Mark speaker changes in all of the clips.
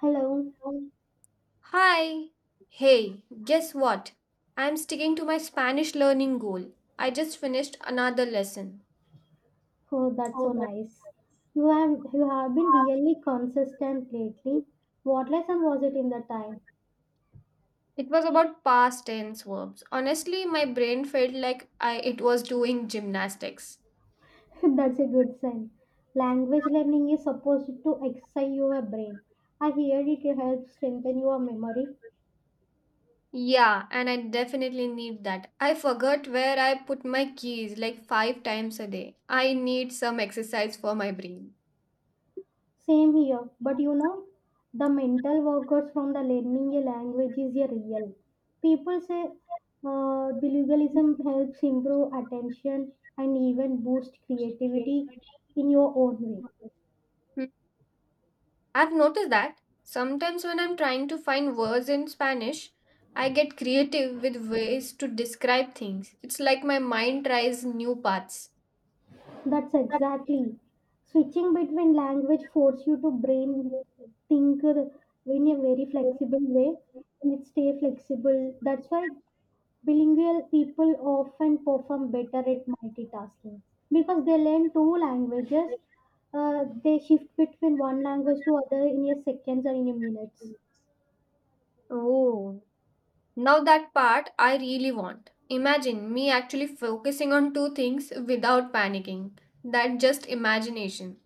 Speaker 1: Hello.
Speaker 2: Um, Hi. Hey, guess what? I'm sticking to my Spanish learning goal. I just finished another lesson.
Speaker 1: Oh, that's
Speaker 2: Oh,
Speaker 1: so
Speaker 2: but
Speaker 1: nice. You have been really consistent lately. What lesson was it in the time?
Speaker 2: it was about past tense verbs. Honestly, my brain felt like I it was doing gymnastics.
Speaker 1: That's a good sign. Language learning is supposed to excite your brain. I hear it helps strengthen your memory.
Speaker 2: Yeah, and I definitely need that. I forgot where I put my keys like 5 times a day. I need some exercise for my brain.
Speaker 1: Same here, but the mental workouts from the learning a language is a real. People say bilingualism helps improve attention and even boost creativity in your own way.
Speaker 2: Hmm. I've noticed that sometimes when I'm trying to find words in Spanish, I get creative with ways to describe things. It's like my mind tries new paths.
Speaker 1: That's exactly. Switching between language force you to brain think in a very flexible way and it stay flexible. That's why bilingual people often perform better at multitasking because they learn two languages. They shift between one language to other in a seconds or in a minutes.
Speaker 2: Oh, now that part I really want. Imagine me actually focusing on two things without panicking. That just imagination.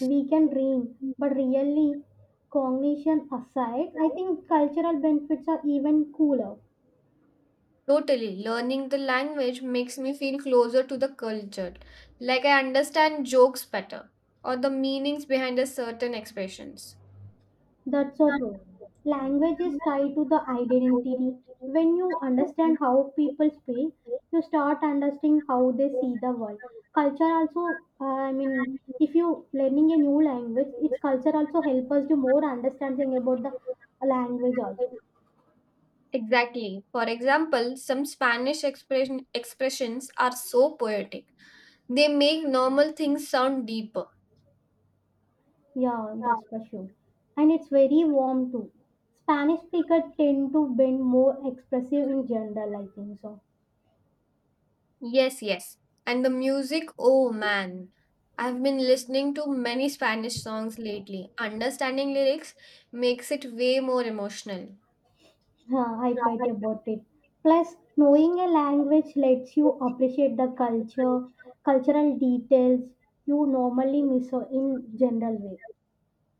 Speaker 1: We can dream, but really, cognition aside, I think cultural benefits are even cooler.
Speaker 2: Totally. Learning the language makes me feel closer to the culture. Like I understand jokes better or the meanings behind a certain expressions.
Speaker 1: That's so true. Language is tied to the identity. When you understand how people speak, you start understanding how they see the world. Culture also, I mean, if you learning a new language, its culture also help us to more understanding about the language also.
Speaker 2: Exactly. For example, some expressions are so poetic. They make normal things sound deeper.
Speaker 1: Yeah, that's for sure. And it's very warm too. Spanish speakers tend to be more expressive in general, I think so.
Speaker 2: Yes, yes. And the music, oh man. I've been listening to many Spanish songs lately. Understanding lyrics makes it way more emotional.
Speaker 1: Huh, I bet about it. Plus, knowing a language lets you appreciate the culture, cultural details you normally miss out in general way.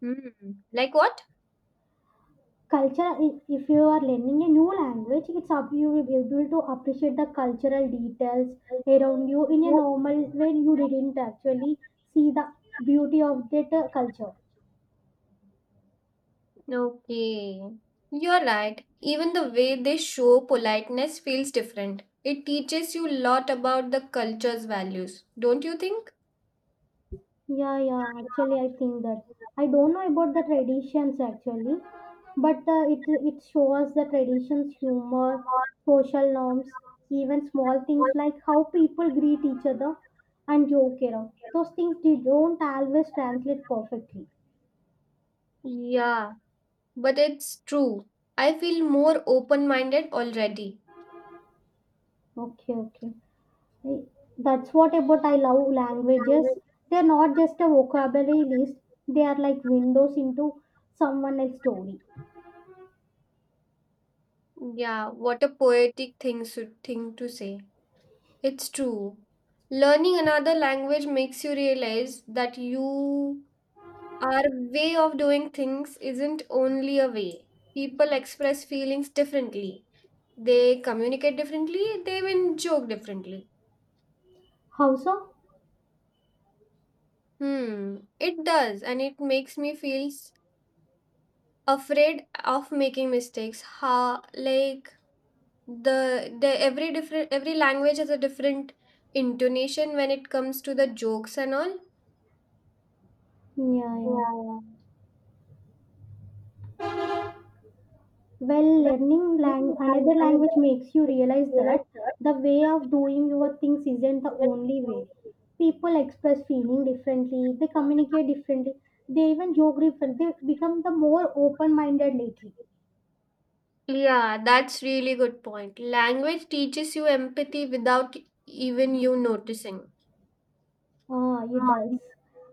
Speaker 2: Hmm. Like what?
Speaker 1: Culture, if you are learning a new language, it's up you will be able to appreciate the cultural details around you in a normal way you didn't actually see the beauty of that culture.
Speaker 2: Okay, you're right. Even the way they show politeness feels different. It teaches you a lot about the culture's values, don't you think?
Speaker 1: Yeah, yeah, actually, I think that I don't know about the traditions actually, but it shows the traditions, humor, social norms, even small things like how people greet each other and joke around. Those things they don't always translate perfectly.
Speaker 2: Yeah, but it's true. I feel more open minded already.
Speaker 1: Okay, okay. I- That's what about I love languages. They're not just a vocabulary list. They are like windows into someone else's story.
Speaker 2: Yeah, what a poetic thing to say. It's true. Learning another language makes you realize that you our way of doing things isn't only a way. People express feelings differently. They communicate differently, they even joke differently.
Speaker 1: How so?
Speaker 2: Hmm, it does, and it makes me feel afraid of making mistakes. Ha, like the every language has a different intonation when it comes to the jokes and all.
Speaker 1: Yeah, yeah.
Speaker 2: Yeah.
Speaker 1: Well,
Speaker 2: When
Speaker 1: learning
Speaker 2: me and
Speaker 1: another language
Speaker 2: another
Speaker 1: makes you realize
Speaker 2: realized
Speaker 1: that
Speaker 2: that.
Speaker 1: the way of doing your things isn't the only way. People express feeling differently, they communicate differently, they even joke differently, they become the more open-minded lately.
Speaker 2: Yeah, that's really good point. Language teaches you empathy without even you noticing.
Speaker 1: Ah, it does.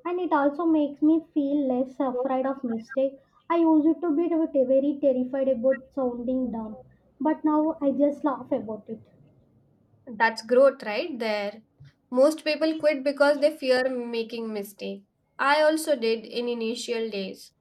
Speaker 1: And it also makes me feel less afraid of mistake. I used to be very terrified about sounding dumb, but now I just laugh about it.
Speaker 2: That's growth right there. Most people quit because they fear making mistake. I also did in initial days.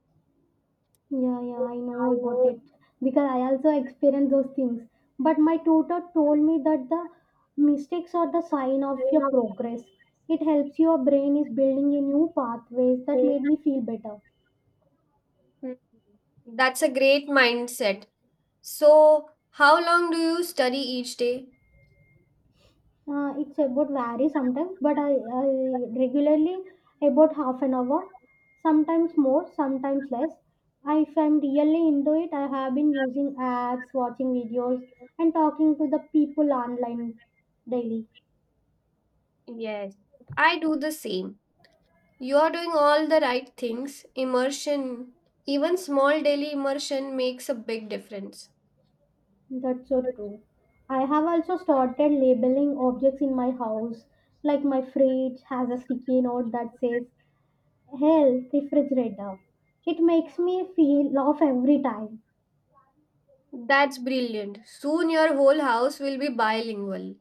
Speaker 1: Yeah, yeah, I know about it because I also experience those things. But my tutor told me that the mistakes are the sign of your progress. It helps your brain is building a new pathways that made me feel better.
Speaker 2: Hmm. That's a great mindset. So, how long do you study each day?
Speaker 1: It's about vary sometimes, but I regularly about half an hour, sometimes more, sometimes less. I, if I'm really into it, I have been using apps, watching videos, and talking to the people online daily.
Speaker 2: Yes, I do the same. You are doing all the right things. Immersion, even small daily immersion, makes a big difference.
Speaker 1: That's so true. I have also started labeling objects in my house, like my fridge has a sticky note that says "Hell refrigerator." It makes me feel laugh every time.
Speaker 2: That's brilliant. Soon your whole house will be bilingual.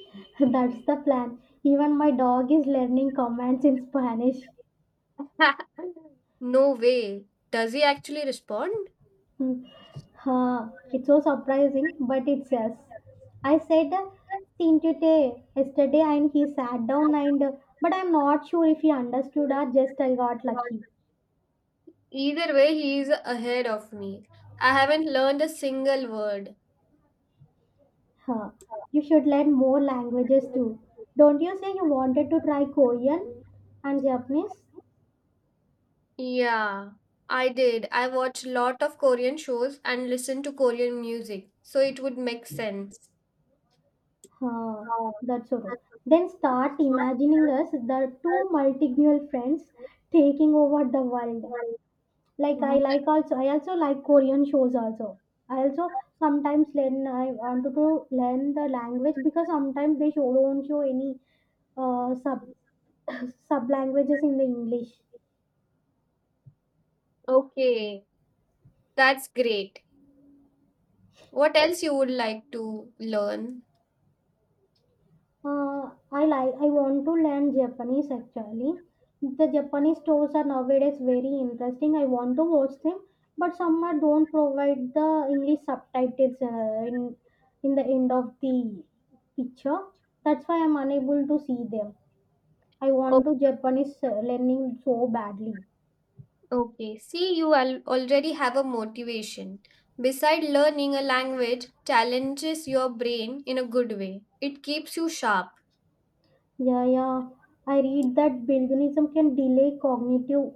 Speaker 1: That's the plan. Even my dog is learning commands in Spanish.
Speaker 2: No way. Does he actually respond?
Speaker 1: Hmm. Huh, it's so surprising, but it says. I said Tintute yesterday and he sat down and but I'm not sure if he understood or just I got lucky.
Speaker 2: Either way, he is ahead of me. I haven't learned a single word.
Speaker 1: Huh. You should learn more languages too. Don't you say you wanted to try Korean and Japanese?
Speaker 2: Yeah, I did. I watched a lot of Korean shows and listened to Korean music, so it would make sense.
Speaker 1: Huh. That's so. Then start imagining us the two multilingual friends taking over the world. Like I like also I also like Korean shows also. I also sometimes learn I wanted to learn the language because sometimes they show don't show any sub sub languages in the English.
Speaker 2: Okay, that's great. What else you would like to learn?
Speaker 1: I like. I want to learn Japanese actually. The Japanese stores are nowadays very interesting. I want to watch them, but some are don't provide the English subtitles in the end of the picture. That's why I'm unable to see them. I
Speaker 2: O-
Speaker 1: want to Japanese learning so badly.
Speaker 2: Okay, see, you already have a motivation. Beside learning a language challenges your brain in a good way. It keeps you sharp.
Speaker 1: Yeah, yeah. I read that veganism can delay cognitive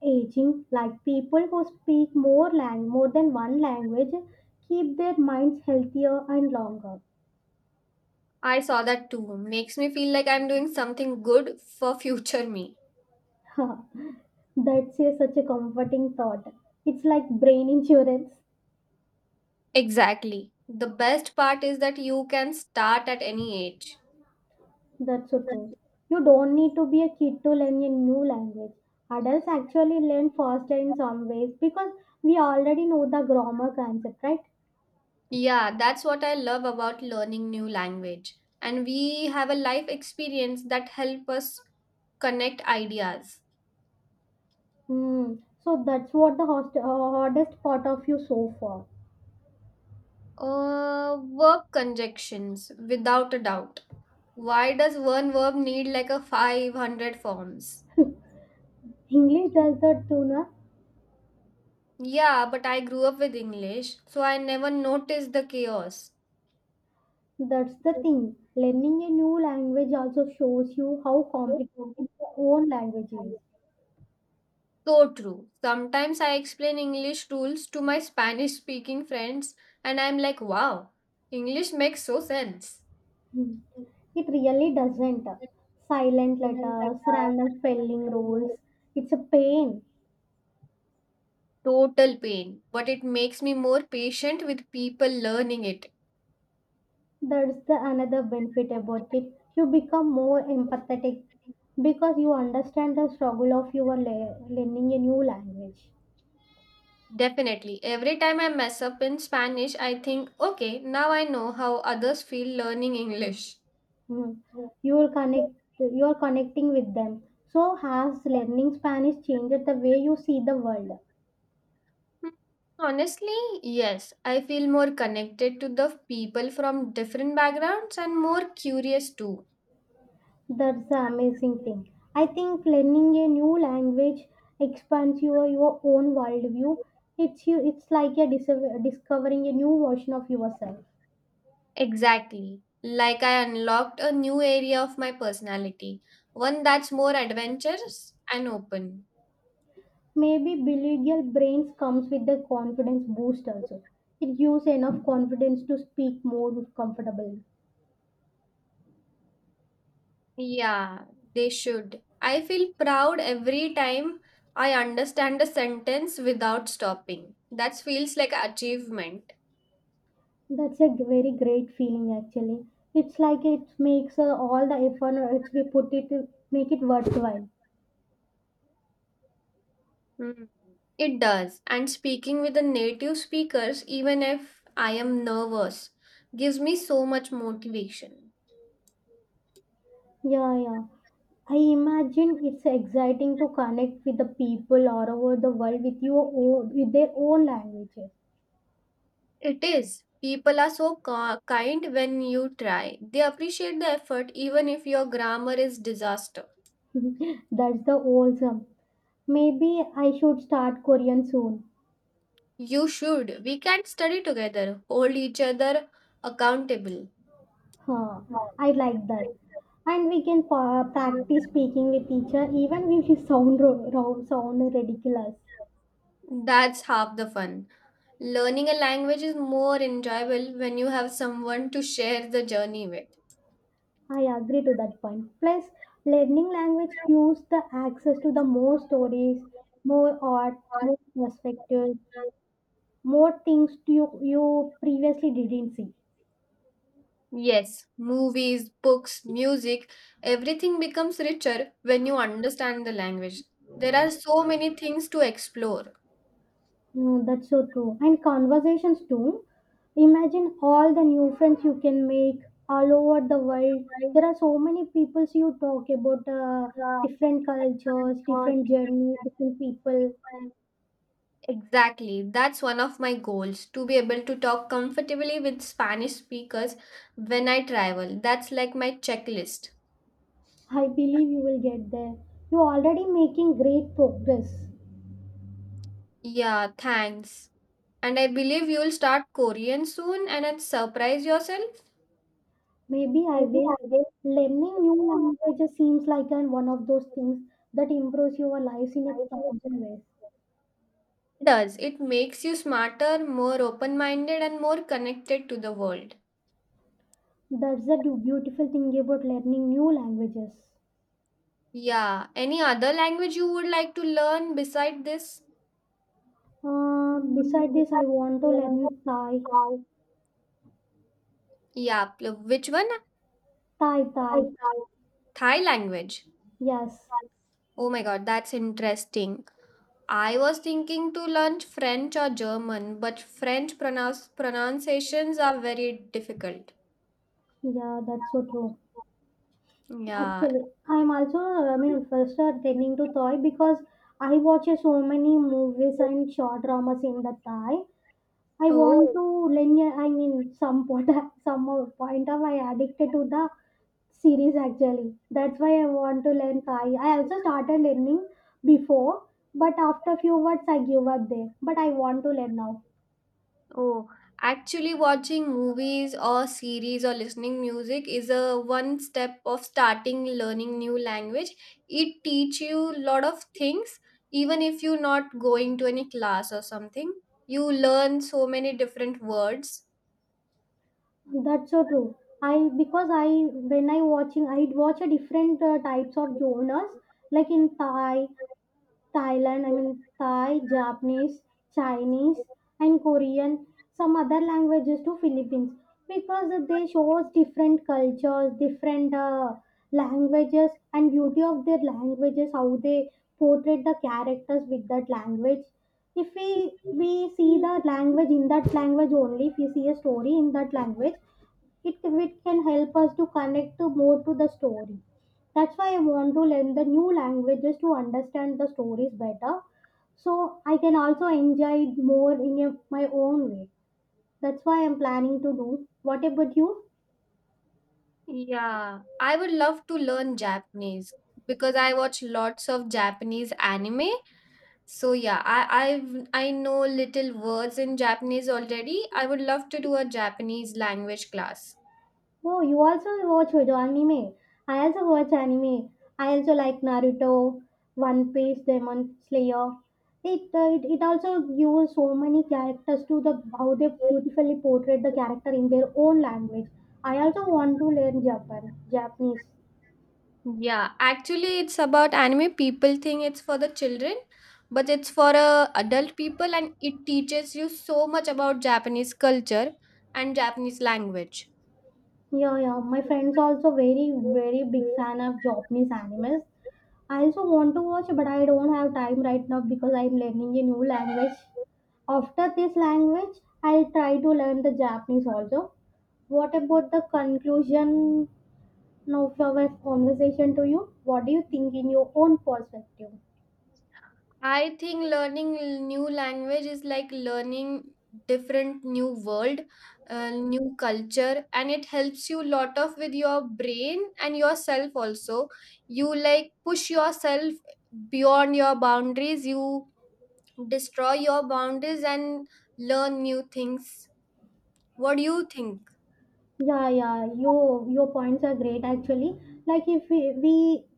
Speaker 1: aging like people who speak more more than one language keep their minds healthier and longer.
Speaker 2: I saw that too. Makes me feel like I'm doing something good for future me.
Speaker 1: That's a, such a comforting thought. It's like brain insurance.
Speaker 2: Exactly. The best part is that you can start at any age.
Speaker 1: That's so true. You don't need to be a kid to learn a new language. Adults actually learn faster in some ways because we already know the grammar concept, right?
Speaker 2: Yeah, that's what I love about learning new language. And we have a life experience that help us connect ideas.
Speaker 1: Hmm. So that's what the hardest part of you so far.
Speaker 2: Verb conjunctions, without a doubt. Why does one verb need like a 500 forms?
Speaker 1: English does that too na.
Speaker 2: Yeah, but I grew up with English, so I never noticed the chaos.
Speaker 1: That's the thing. Learning a new language also shows you how complicated your own language is.
Speaker 2: So true. Sometimes I explain English rules to my Spanish speaking friends and I'm like, wow, English makes so sense.
Speaker 1: Hmm. It really doesn't. Silent letters, random spelling rules. It's a pain.
Speaker 2: Total pain, but it makes me more patient with people learning it.
Speaker 1: That's the another benefit about it. You become more empathetic because you understand the struggle of your learning a new language.
Speaker 2: Definitely. Every time I mess up in Spanish, I think, okay, now I know how others feel learning English.
Speaker 1: Hmm. You will connect. You are connecting with them. So has learning Spanish changed the way you see the world?
Speaker 2: Honestly, yes. I feel more connected to the people from different backgrounds and more curious too.
Speaker 1: That's the amazing thing. I think learning a new language expands your own worldview. It's you. It's like a discovering a new version of yourself.
Speaker 2: Exactly. Like I unlocked a new area of my personality, one that's more adventurous and open.
Speaker 1: Maybe bilingual brains comes with the confidence boost also. It gives enough confidence to speak more comfortably.
Speaker 2: Yeah, they should. I feel proud every time I understand a sentence without stopping. That feels like achievement.
Speaker 1: That's a very great feeling actually. It's like it makes all the effort it's we put it make it worthwhile.
Speaker 2: Mm, it does. And speaking with the native speakers, even if I am nervous, gives me so much motivation.
Speaker 1: Yeah, yeah. I imagine it's exciting to connect with the people all over the world with your own, with their own languages.
Speaker 2: It is. People are so kind when you try. They appreciate the effort even if your grammar is disaster.
Speaker 1: That's the awesome. Maybe I should start Korean soon.
Speaker 2: You should. We can study together, hold each other accountable.
Speaker 1: Huh.
Speaker 2: Wow.
Speaker 1: I like that. And we can practice speaking with each other even if we sound sound ridiculous.
Speaker 2: That's half the fun. Learning a language is more enjoyable when you have someone to share the journey with.
Speaker 1: I agree to that point. Plus, learning language gives the access to the more stories, more art, more perspectives, more things to you, you previously didn't see.
Speaker 2: Yes, movies, books, music, everything becomes richer when you understand the language. There are so many things to explore.
Speaker 1: Mm, that's so true. And conversations too. Imagine all the new friends you can make all over the world. There are so many people you talk about different cultures, different journey, different people.
Speaker 2: Exactly. That's one of my goals, to be able to talk comfortably with Spanish speakers when I travel. That's like my checklist.
Speaker 1: I believe you will get there. You're already making great progress.
Speaker 2: Yeah, thanks. And I believe you'll start Korean soon and then surprise yourself.
Speaker 1: Maybe I
Speaker 2: Maybe I
Speaker 1: will.
Speaker 2: will.
Speaker 1: Learning new languages seems like one of those things that improves your lives in a thousand ways.
Speaker 2: It does. It makes you smarter, more open minded, and more connected to the world.
Speaker 1: That's the beautiful thing about learning new languages.
Speaker 2: Yeah. Any other language you would like to learn beside this? Mm,
Speaker 1: Beside this, I
Speaker 2: besides
Speaker 1: want to
Speaker 2: Korean,
Speaker 1: learn Thai.
Speaker 2: Thai. Yeah, which one?
Speaker 1: Thai,
Speaker 2: Thai,
Speaker 1: Thai.
Speaker 2: Thai, Thai language.
Speaker 1: Yes.
Speaker 2: Thai. Oh my god, that's interesting. I was thinking to learn French or German, but French pronunciations are very difficult.
Speaker 1: Yeah, that's so true.
Speaker 2: Yeah.
Speaker 1: Actually, I'm also, I mean, first attending to Thai because I watch so many movies and short dramas in the Thai. I want
Speaker 2: Oh.
Speaker 1: to learn, I mean, some point, some point of I addicted to the series actually. That's why I want to learn Thai. I also started learning before, but after few words I give up there. But I want to learn now.
Speaker 2: Oh, actually watching movies or series or listening music is a one step of starting learning new language. It teach you a lot of things even if you're not going to any class or something. You learn so many different words.
Speaker 1: That's so true. I because I when I watching I watch a different types of genres like in Thai Thailand, I mean Thai, Japanese, Chinese, and Korean, some other languages to Philippines because they shows different cultures, different languages, and beauty of their languages, how they portray the characters with that language. If we see the language in that language only, if we see a story in that language, it can help us to connect to more to the story. That's why I want to learn the new languages to understand the stories better, so I can also enjoy it more in a, my own way. That's why I'm planning to do. What about you?
Speaker 2: Yeah, I would love to learn Japanese because I watch lots of Japanese anime. So yeah, I know little words in Japanese already. I would love to do a Japanese language class.
Speaker 1: Oh, you also watch video anime. I also watch anime. I also like Naruto, One Piece, Demon Slayer. It also gives so many characters to the how they beautifully portray the character in their own language. I also want to learn Japanese.
Speaker 2: Yeah, actually, it's about anime. People think it's for the children, but it's for adult people, and it teaches you so much about Japanese culture and Japanese language.
Speaker 1: Yeah, yeah. My friends also very, very big fan of Japanese animes. I also want to watch, but I don't have time right now because I'm learning a new language. After this language, I'll try to learn the Japanese also. What about the conclusion of our conversation to you? What do you think in your own perspective?
Speaker 2: I think learning new language is like learning different new world, new culture, and it helps you lot of with your brain and yourself also. You like push yourself beyond your boundaries. You destroy your boundaries and learn new things. What do you think?
Speaker 1: Yeah, yeah, your points are great actually. Like if we we,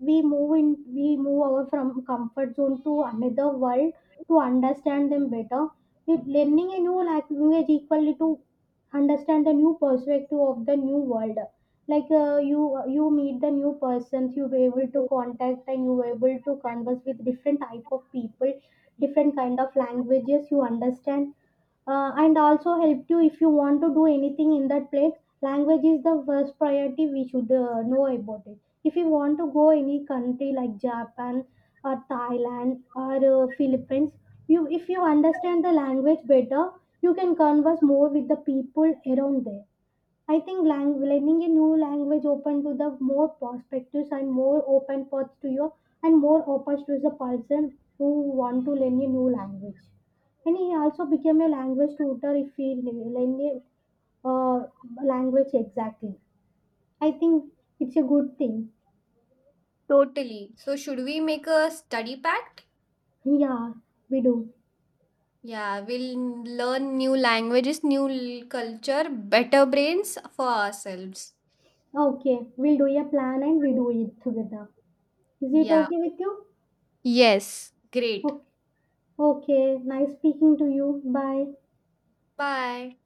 Speaker 1: we move in we move over from comfort zone to another world to understand them better. It, learning a new language equally to understand the new perspective of the new world. Like you you meet the new persons, you were able to
Speaker 2: Mhm.
Speaker 1: contact and you were able to converse with different type of people, different kind of languages you understand. And also helped you if you want to do anything in that place. Language is the first priority we should know about it. If you want to go any country like Japan or Thailand or Philippines, you if you understand the language better, you can converse more with the people around there. I think learning a new language open to the more perspectives and more open paths to you, and more opportunities to the person who want to learn a new language. And he also became a language tutor if he learn a uh, language exactly. I think it's a good thing.
Speaker 2: Totally. So should we make a study pact?
Speaker 1: Yeah, we do.
Speaker 2: Yeah, we'll learn new languages, new culture, better brains for ourselves.
Speaker 1: Okay, we'll do a plan and we do it together. Is it
Speaker 2: Yeah.
Speaker 1: okay with you?
Speaker 2: Yes. Great.
Speaker 1: Okay. Okay. Nice speaking to you. Bye.
Speaker 2: Bye.